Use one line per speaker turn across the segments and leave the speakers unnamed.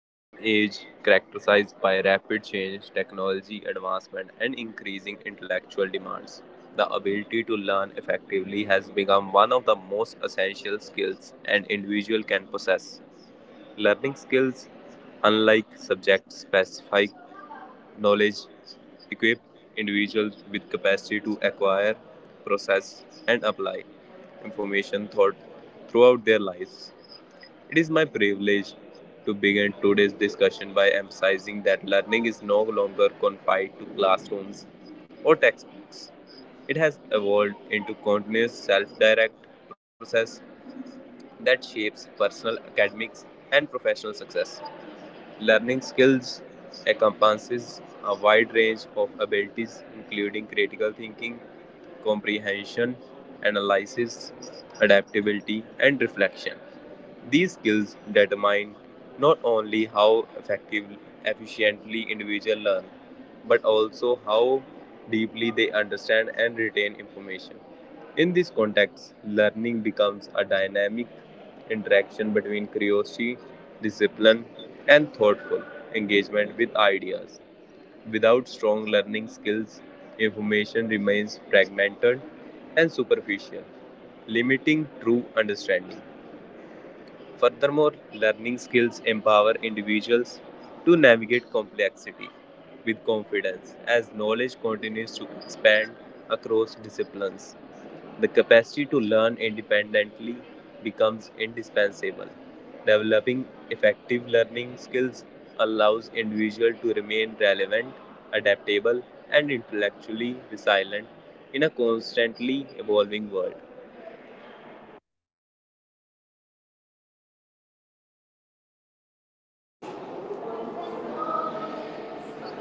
In an age characterized by rapid change, technology advancement, and increasing intellectual demands, the ability to learn effectively has become one of the most essential skills an individual can possess. Learning skills, unlike subject specific knowledge, equip individuals with capacity to acquire, process, and apply information thought throughout their lives. It is my privilege to begin today's discussion by emphasizing that learning is no longer confined to classrooms or textbooks. It has evolved into continuous self direct process that shapes personal, academics, and professional success. Learning skills encompasses a wide range of abilities, including critical thinking, comprehension, analysis, adaptability, and reflection. These skills determine not only how effectively, efficiently individuals learn, but also how deeply they understand and retain information. In this context, learning becomes a dynamic interaction between curiosity, discipline, and thoughtful engagement with ideas. Without strong learning skills, information remains fragmented and superficial, limiting true understanding. Furthermore, learning skills empower individuals to navigate complexity with confidence as knowledge continues to expand across disciplines. The capacity to learn independently becomes indispensable. Developing effective learning skills allows individuals to remain relevant, adaptable, and intellectually resilient in a constantly evolving world.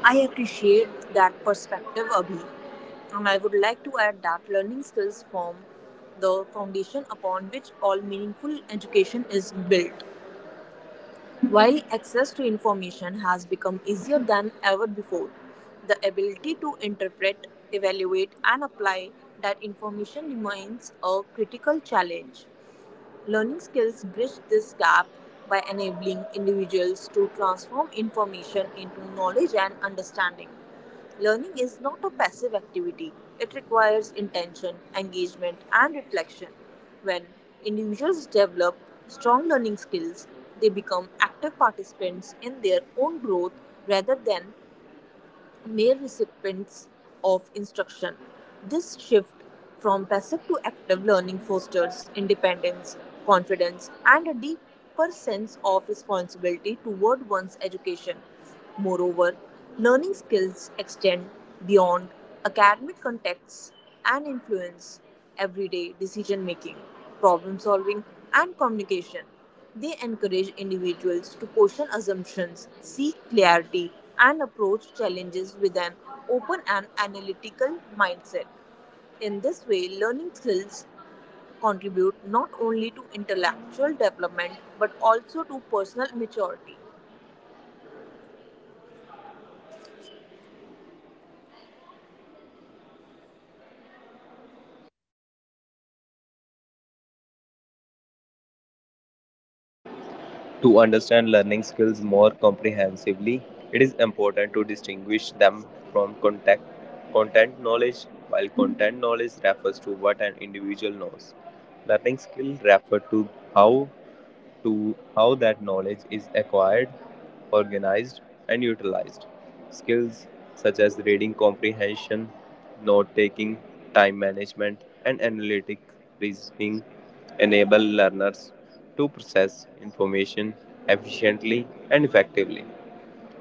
I appreciate that perspective, Abhi, and I would like to add that learning skills form the foundation upon which all meaningful education is built. While access to information has become easier than ever before, the ability to interpret, evaluate, and apply that information remains a critical challenge. Learning skills bridge this gap by enabling individuals to transform information into knowledge and understanding. Learning is not a passive activity, it requires intention, engagement, and reflection. When individuals develop strong learning skills, they become active participants in their own growth rather than mere recipients of instruction. This shift from passive to active learning fosters independence, confidence, and a deeper sense of responsibility toward one's education. Moreover, learning skills extend beyond academic contexts and influence everyday decision making, problem solving, and communication. They encourage individuals to question assumptions, seek clarity, and approach challenges with an open and analytical mindset. In this way, learning skills contribute not only to intellectual development but also to personal maturity.
To understand learning skills more comprehensively, it is important to distinguish them from content knowledge. While content knowledge refers to what an individual knows, learning skill refers to how how that knowledge is acquired, organized, and utilized. Skills such as reading comprehension, note taking, time management, and analytic reasoning enable learners to process information efficiently and effectively.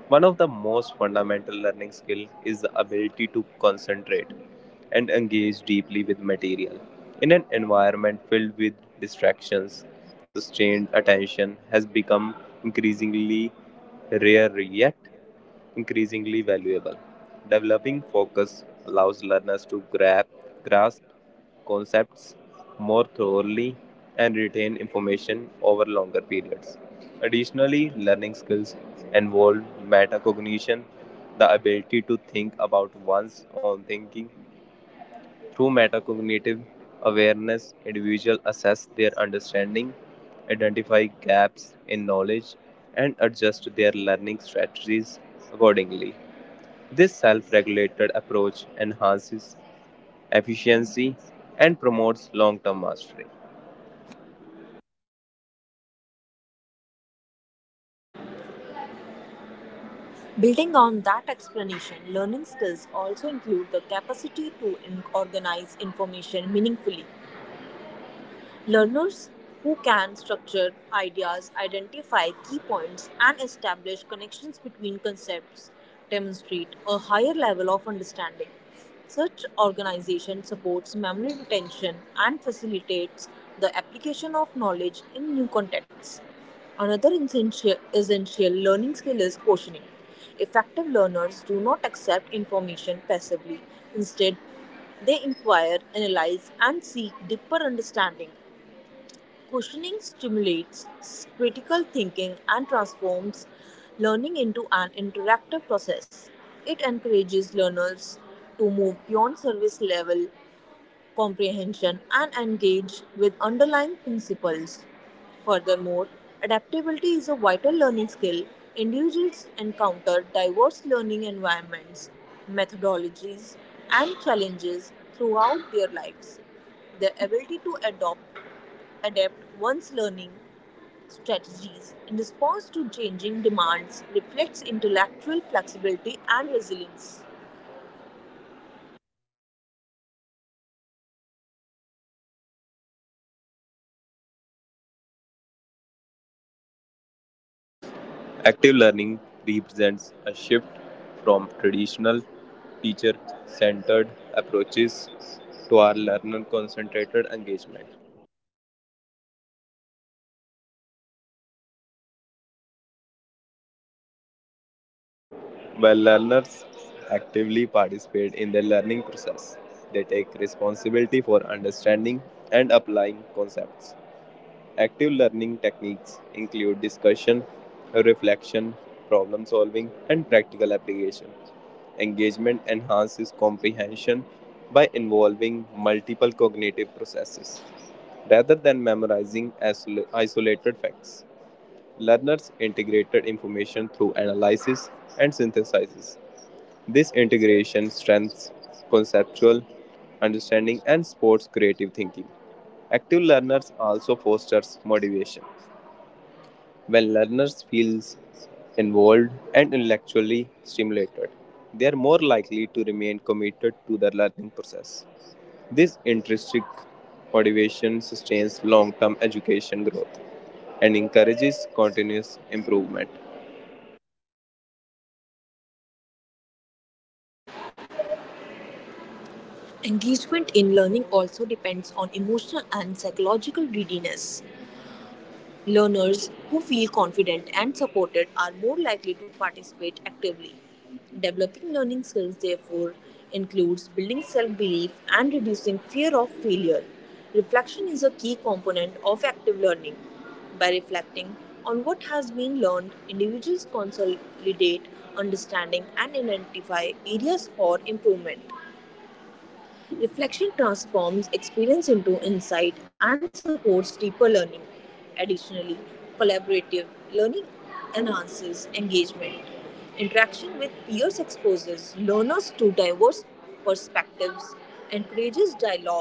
One of the most fundamental learning skills is the ability to concentrate and engage deeply with material. In an environment filled with distractions, sustained attention has become increasingly rare yet increasingly valuable. Developing focus allows learners to grasp concepts more thoroughly and retain information over longer periods. Additionally, learning skills involve metacognition, the ability to think about one's own thinking. Through metacognitive awareness, individuals assess their understanding, identify gaps in knowledge, and adjust their learning strategies accordingly. This self regulated approach enhances efficiency and promotes long term mastery.
Building on that explanation, learning skills also include the capacity to organize information meaningfully. Learners who can structure ideas, identify key points, and establish connections between concepts demonstrate a higher level of understanding. Such organization supports memory retention and facilitates the application of knowledge in new contexts. Another essential learning skill is questioning. Effective learners do not accept information passively. Instead, they inquire, analyze, and seek deeper understanding. Questioning stimulates critical thinking and transforms learning into an interactive process. It encourages learners to move beyond service level comprehension and engage with underlying principles. Furthermore, adaptability is a vital learning skill. Individuals encounter diverse learning environments, methodologies, and challenges throughout their lives. The ability to adopt adapt one's learning strategies in response to changing demands reflects intellectual flexibility and resilience.
Active learning represents a shift from traditional teacher centered approaches to our learner concentrated engagement. While learners actively participate in the learning process, they take responsibility for understanding and applying concepts. Active learning techniques include discussion, reflection, problem solving, and practical application. Engagement enhances comprehension by involving multiple cognitive processes rather than memorizing isolated facts. Learners integrated information through analysis and synthesizes this integration strengthens conceptual understanding and supports creative thinking. Active learners also fosters motivation. When learners feel involved and intellectually stimulated, they are more likely to remain committed to their learning process. This intrinsic motivation sustains long-term education growth and encourages continuous improvement.
Engagement in learning also depends on emotional and psychological readiness. Learners who feel confident and supported are more likely to participate actively. Developing learning skills, therefore, includes building self belief and reducing fear of failure. Reflection is a key component of active learning. By reflecting on what has been learned, individuals consolidate understanding and identify areas for improvement. Reflection transforms experience into insight and supports deeper learning. Additionally, collaborative learning enhances engagement. Interaction with peers exposes learners to diverse perspectives, encourages dialogue,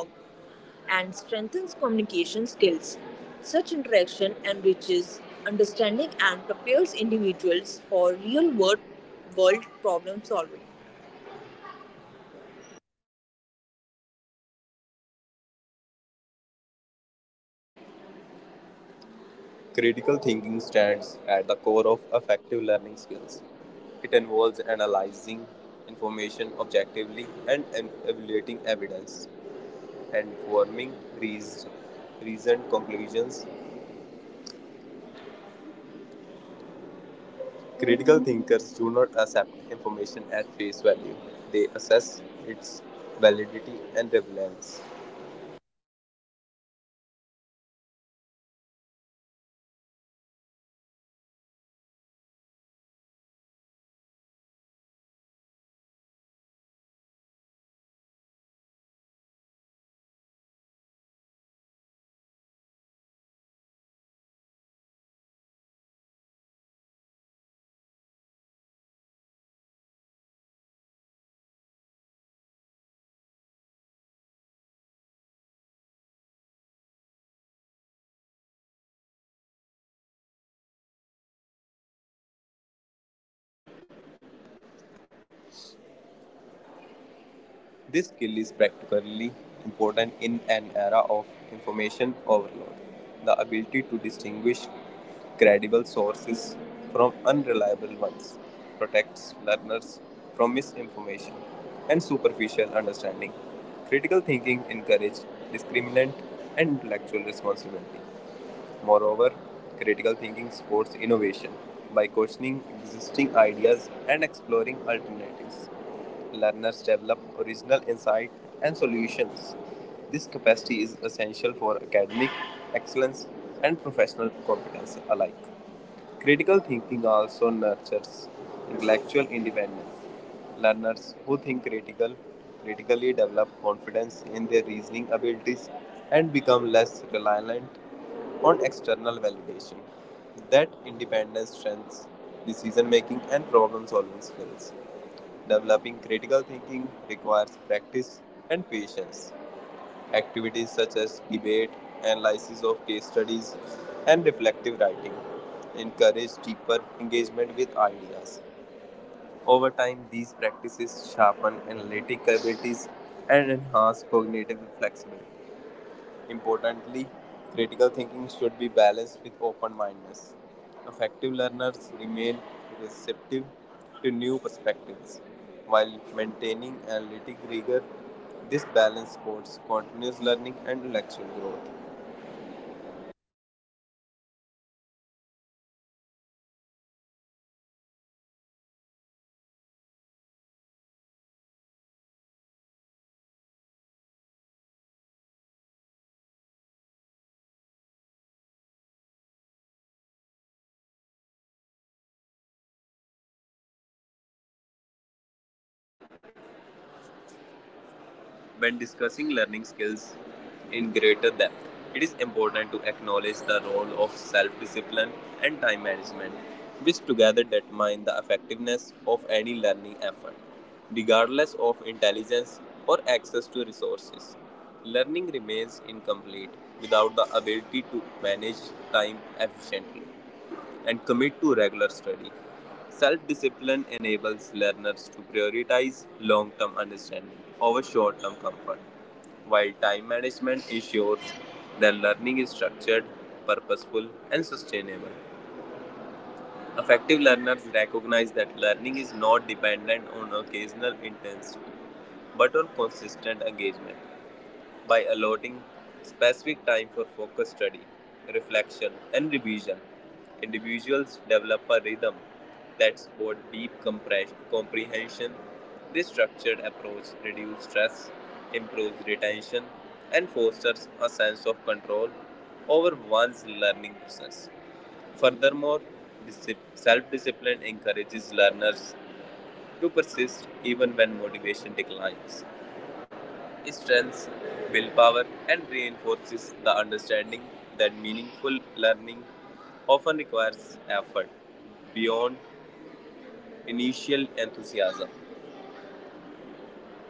and strengthens communication skills. Such interaction enriches understanding and prepares individuals for world problem solving. Critical thinking stands at the core of effective learning skills. It involves analyzing information objectively and evaluating evidence and forming reas- reasoned conclusions. Critical thinkers do not accept information at face value, they assess its validity and relevance. This skill is practically important in an era of information overload. The ability to distinguish credible sources from unreliable ones protects learners from misinformation and superficial understanding. Critical thinking encourages discriminant and intellectual responsibility. Moreover, critical thinking supports innovation by questioning existing ideas and exploring alternatives. Learners develop original insight and solutions. This capacity is essential for academic excellence and professional competence alike. Critical thinking also nurtures intellectual independence. Learners who critically develop confidence in their reasoning abilities and become less reliant on external validation. That independence strengthens decision making and problem solving skills. Developing critical thinking requires practice and patience. Activities such as debate, analysis of case studies, and reflective writing encourage deeper engagement with ideas. Over time, these practices sharpen analytic abilities and enhance cognitive flexibility. Importantly, critical thinking should be balanced with open mindedness. Effective learners remain receptive to new perspectives while maintaining analytic rigor. This balance supports continuous learning and intellectual growth. When discussing learning skills in greater depth, it is important to acknowledge the role of self discipline and time management, which together determine the effectiveness of any learning effort, regardless of intelligence or access to resources. Learning remains incomplete without the ability to manage time efficiently and commit to regular study. Self discipline enables learners to prioritize long term understanding over short term comfort, while time management ensures their learning is structured, purposeful, and sustainable. Effective learners recognize that learning is not dependent on occasional intensity but on consistent engagement by allotting specific time for focused study, reflection, and revision. Individuals develop a rhythm that supports deep comprehension. This structured approach reduces stress, improves retention, and fosters a sense of control over one's learning process. Furthermore, self discipline encourages learners to persist even when motivation declines. Strengths, willpower and reinforces the understanding that meaningful learning often requires effort beyond initial enthusiasm.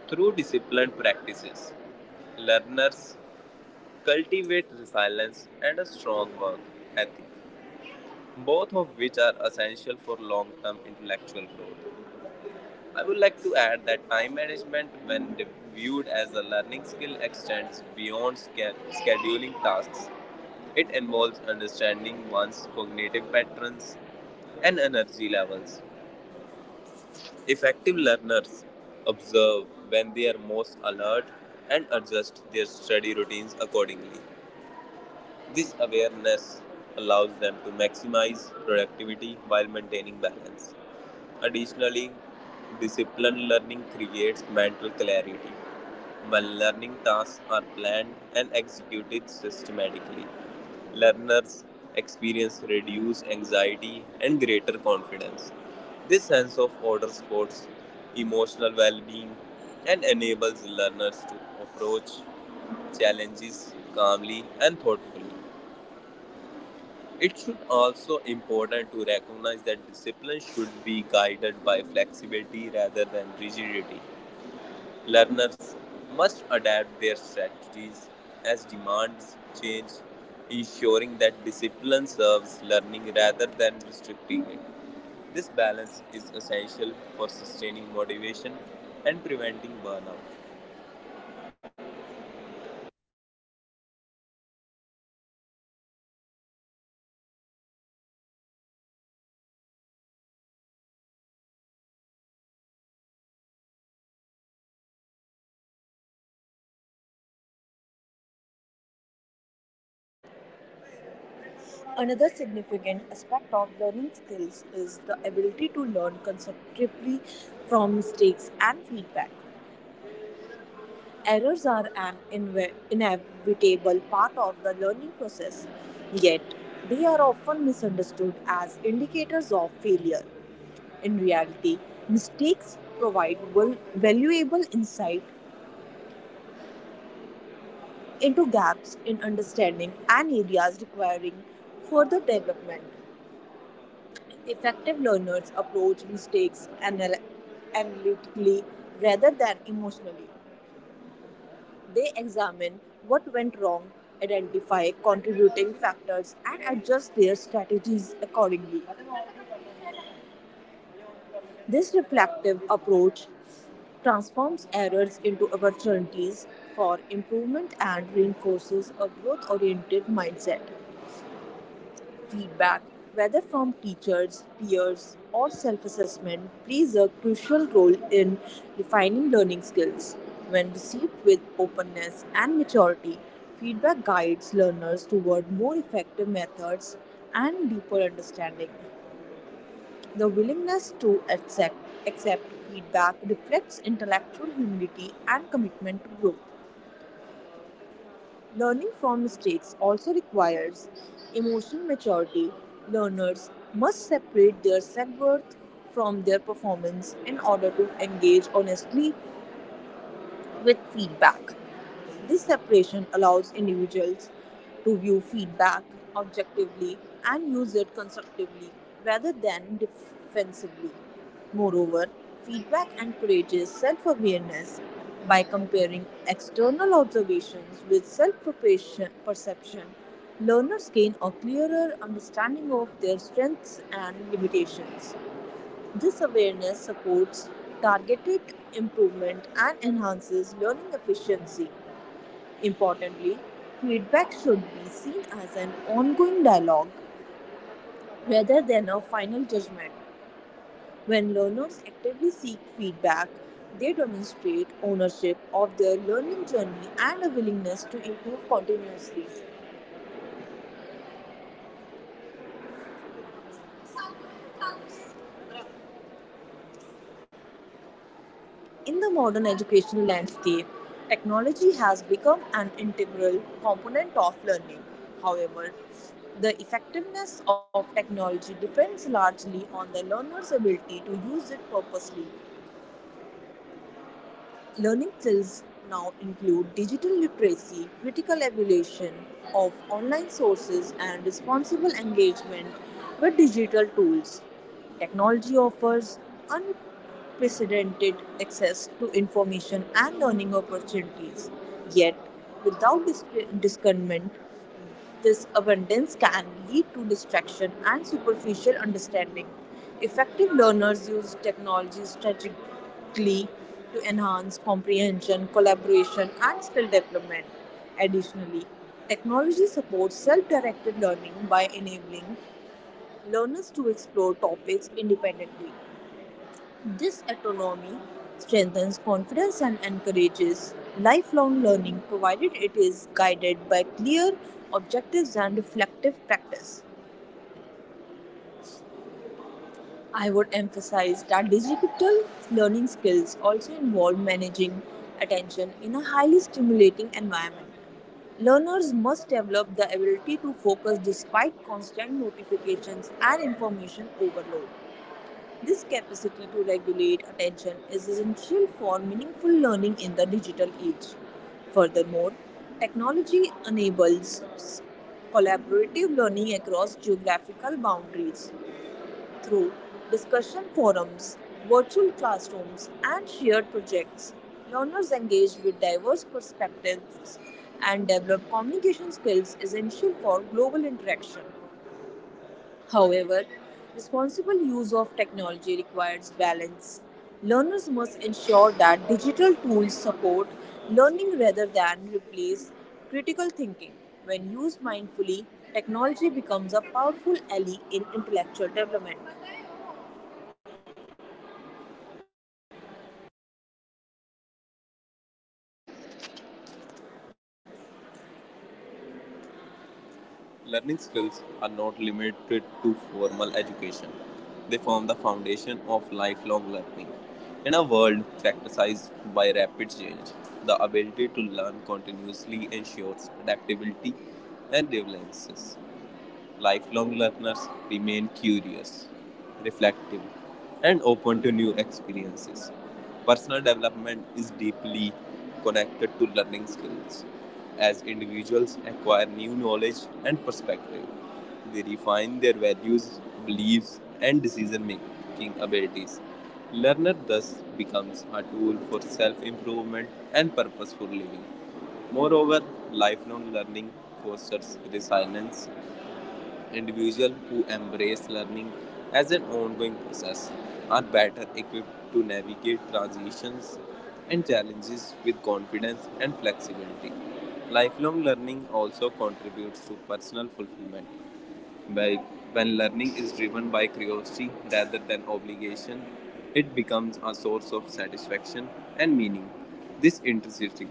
Through disciplined practices, learners cultivate resilience and a strong work ethic, both of which are essential for long term intellectual growth. I would like to add that time management, when viewed as a learning skill, extends beyond scheduling tasks. It involves understanding one's cognitive patterns and energy levels. Effective learners observe when they are most alert and adjust their study routines accordingly. This awareness allows them to maximize productivity while maintaining balance. Additionally, disciplined learning creates mental clarity. When learning tasks are planned and executed systematically, learners experience reduced anxiety and greater confidence. This sense of order supports emotional well being and enables learners to approach challenges calmly and thoughtfully. It should also important to recognize that discipline should be guided by flexibility rather than rigidity. Learners must adapt their strategies as demands change, ensuring that discipline serves learning rather than restricting it. This balance is essential for sustaining motivation and preventing burnout. Another significant aspect of learning skills is the ability to learn constructively from mistakes and feedback. Errors are an inevitable part of the learning process, yet, they are often misunderstood as indicators of failure. In reality, mistakes provide valuable insight into gaps in understanding and areas requiring further development. Effective learners approach mistakes analytically rather than emotionally. They examine what went wrong, identify contributing factors, and adjust their strategies accordingly. This reflective approach transforms errors into opportunities for improvement and reinforces a growth oriented mindset. Feedback, whether from teachers, peers, or self assessment, plays a crucial role in refining learning skills. When received with openness and maturity, feedback guides learners toward more effective methods and deeper understanding. The willingness to accept feedback reflects intellectual humility and commitment to growth. Learning from mistakes also requires emotional maturity. Learners must separate their self worth from their performance in order to engage honestly with feedback. This separation allows individuals to view feedback objectively and use it constructively rather than defensively. Moreover, feedback encourages self awareness by comparing external observations with self perception. Learners gain a clearer understanding of their strengths and limitations. This awareness supports targeted improvement and enhances learning efficiency. Importantly, feedback should be seen as an ongoing dialogue rather than a final judgment. When learners actively seek feedback, they demonstrate ownership of their learning journey and a willingness to improve continuously. In the modern educational landscape, technology has become an integral component of learning. However, the effectiveness of technology depends largely on the learner's ability to use it purposely. Learning skills now include digital literacy, critical evaluation of online sources, and responsible engagement with digital tools. Technology offers unprecedented access to information and learning opportunities, yet, without discernment, this abundance can lead to distraction and superficial understanding. Effective learners use technology strategically to enhance comprehension, collaboration, and skill development. Additionally, technology supports self directed learning by enabling learners to explore topics independently. This autonomy strengthens confidence and encourages lifelong learning, provided it is guided by clear objectives and reflective practice. I would emphasize that digital learning skills also involve managing attention in a highly stimulating environment. Learners must develop the ability to focus despite constant notifications and information overload. This capacity to regulate attention is essential for meaningful learning in the digital age. Furthermore, technology enables collaborative learning across geographical boundaries through discussion forums, virtual classrooms, and shared projects. Learners engage with diverse perspectives and develop communication skills essential for global interaction. However, responsible use of technology requires balance. Learners must ensure that digital tools support learning rather than replace critical thinking. When used mindfully, technology becomes a powerful ally in intellectual development. Learning skills are not limited to formal education. They form the foundation of lifelong learning. In a world characterized by rapid change, the ability to learn continuously ensures adaptability and resilience. Lifelong learners remain curious, reflective, and open to new experiences. Personal development is deeply connected to learning skills. As individuals acquire new knowledge and perspective, they refine their values, beliefs, and decision making abilities. Learner thus becomes a tool for self improvement and purposeful living. Moreover, lifelong learning fosters resilience individuals who embrace learning as an ongoing process are better equipped to navigate transitions and challenges with confidence and flexibility. Lifelong learning also contributes to personal fulfillment like when learning is driven by curiosity rather than obligation, it becomes a source of satisfaction and meaning. This intensity,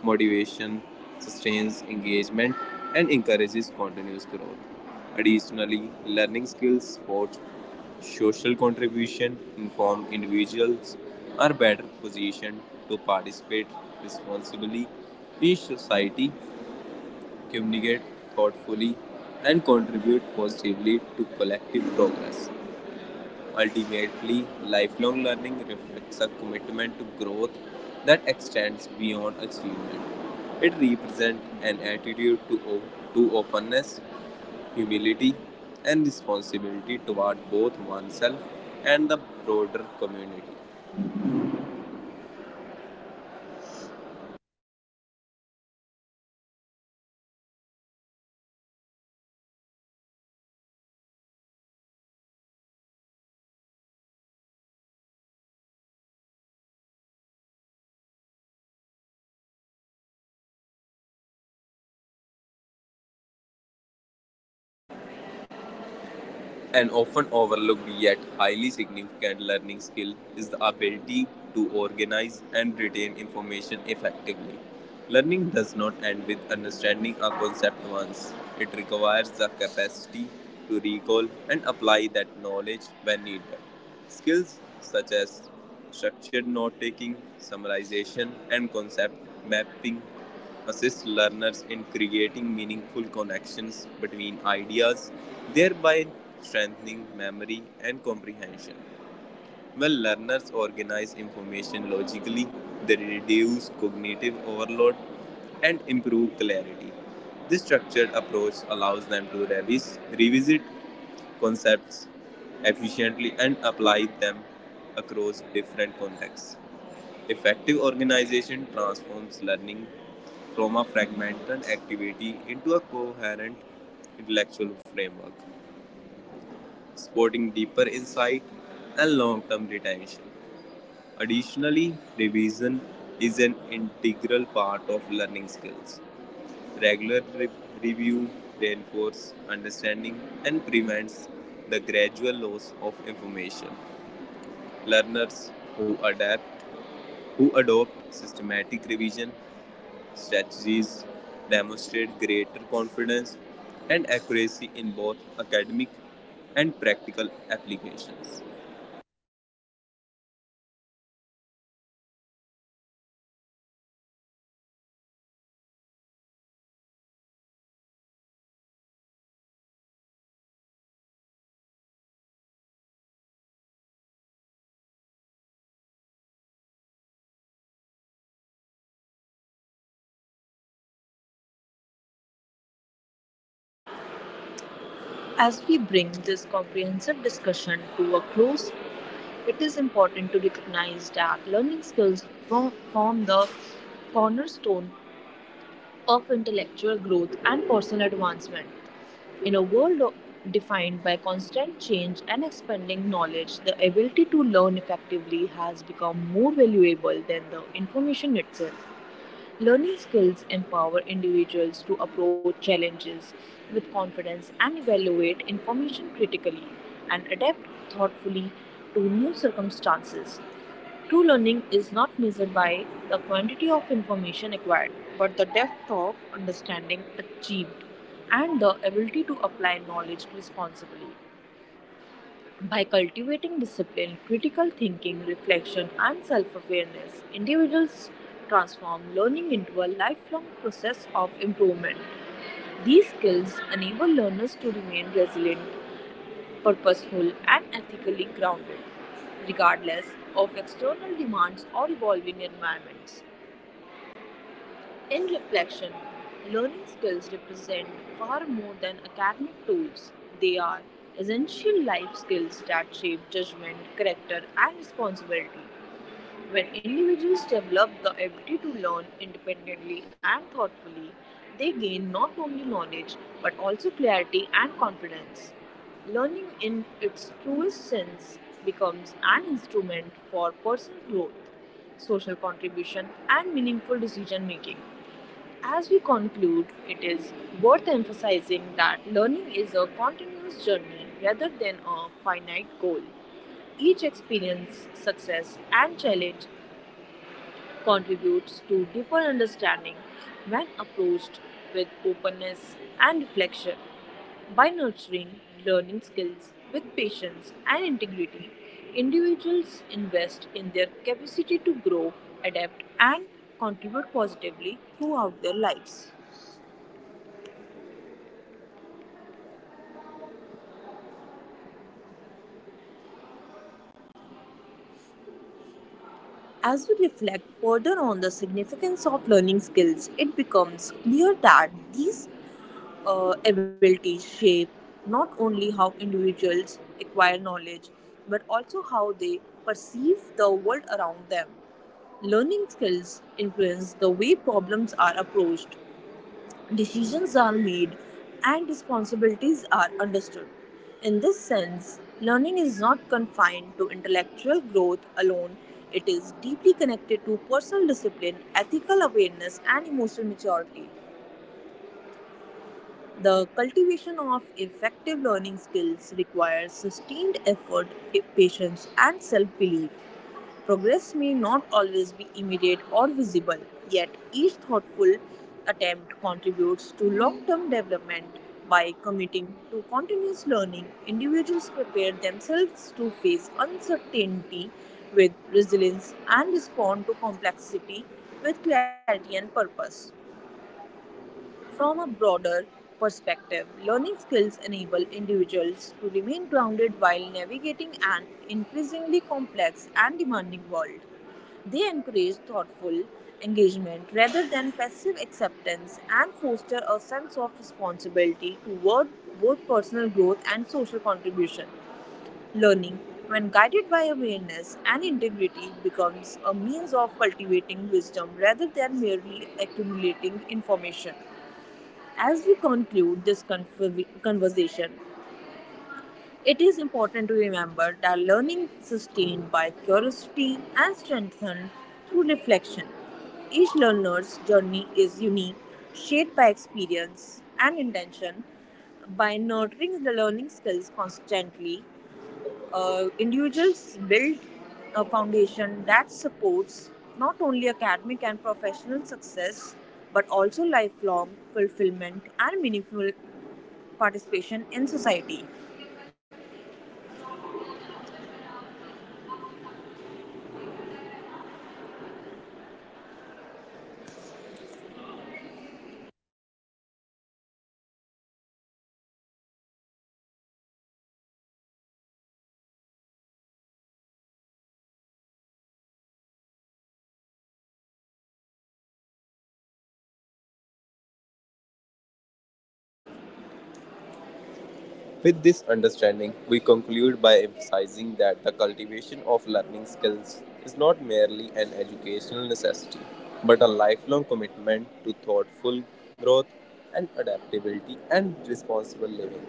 motivation, sustains engagement and encourages continuous growth. Additionally, learning skills support social contribution informed individuals are better positioned to participate responsibly in society communicate thoughtfully, and contribute positively to collective progress. Ultimately, lifelong learning reflects a commitment to growth that extends beyond achievement. It represents an attitude to openness, humility, and responsibility toward both oneself and the broader community. An often overlooked yet highly significant learning skill is the ability to organize and retain information effectively. Learning does not end with understanding a concept once, it requires the capacity to recall and apply that knowledge when needed. Skills such as structured note taking, summarization, and concept mapping assist learners in creating meaningful connections between ideas, thereby strengthening memory and comprehension. When learners organize information logically, they reduce cognitive overload and improve clarity. This structured approach allows them to revisit concepts efficiently and apply them across different contexts. Effective organization transforms learning from a fragmented activity into a coherent intellectual framework, supporting deeper insight and long term retention. Additionally, revision is an integral part of learning skills. Regular review reinforces understanding and prevents the gradual loss of information. Learners who adapt who adopt systematic revision strategies demonstrate greater confidence and accuracy in both academic and practical applications. As we bring this comprehensive discussion to a close, it is important to recognize that learning skills form the cornerstone of intellectual growth and personal advancement. In a world defined by constant change and expanding knowledge, the ability to learn effectively has become more valuable than the information itself. Learning skills empower individuals to approach challenges with confidence and evaluate information critically and adapt thoughtfully to new circumstances. True learning is not measured by the quantity of information acquired, but the depth of understanding achieved and the ability to apply knowledge responsibly. By cultivating discipline, critical thinking, reflection, and self awareness, individuals transform learning into a lifelong process of improvement. These skills enable learners to remain resilient, purposeful, and ethically grounded, regardless of external demands or evolving environments. In reflection, learning skills represent far more than academic tools. They are essential life skills that shape judgment, character, and responsibility. When individuals develop the ability to learn independently and thoughtfully, they gain not only knowledge but also clarity and confidence. Learning in its truest sense becomes an instrument for personal growth social contribution, and meaningful decision making. As we conclude, it is worth emphasizing that learning is a continuous journey rather than a finite goal. Each experience, success, and challenge contributes to deeper understanding when approached with openness and reflection. By nurturing learning skills with patience and integrity, individuals invest in their capacity to grow, adapt, and contribute positively throughout their lives. As we reflect further on the significance of learning skills, it becomes clear that these abilities shape not only how individuals acquire knowledge but also how they perceive the world around them. Learning skills influence the way problems are approached, decisions are made and responsibilities are understood. In this sense, learning is not confined to intellectual growth alone, it is deeply connected to personal discipline, ethical awareness, and emotional maturity. The cultivation of effective learning skills requires sustained effort, patience, and self belief. Progress may not always be immediate or visible, yet, each thoughtful attempt contributes to long term development. By committing to continuous learning, individuals prepare themselves to face uncertainty with resilience and respond to complexity with clarity and purpose. From a broader perspective, learning skills enable individuals to remain grounded while navigating an increasingly complex and demanding world. They encourage thoughtful engagement rather than passive acceptance and foster a sense of responsibility toward both personal growth and social contribution. Learning, when guided by awareness and integrity, becomes a means of cultivating wisdom rather than merely accumulating information. As we conclude this conversation, it is important to remember that learning sustained by curiosity and strengthened through reflection. Each learner's journey is unique, shaped by experience and intention. By nurturing the learning skills constantly, individuals build a foundation that supports not only academic and professional success but also lifelong fulfillment and meaningful participation in society. With this understanding, we conclude by emphasizing that the cultivation of learning skills is not merely an educational necessity, but a lifelong commitment to thoughtful growth and adaptability and responsible living.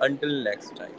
Until next time.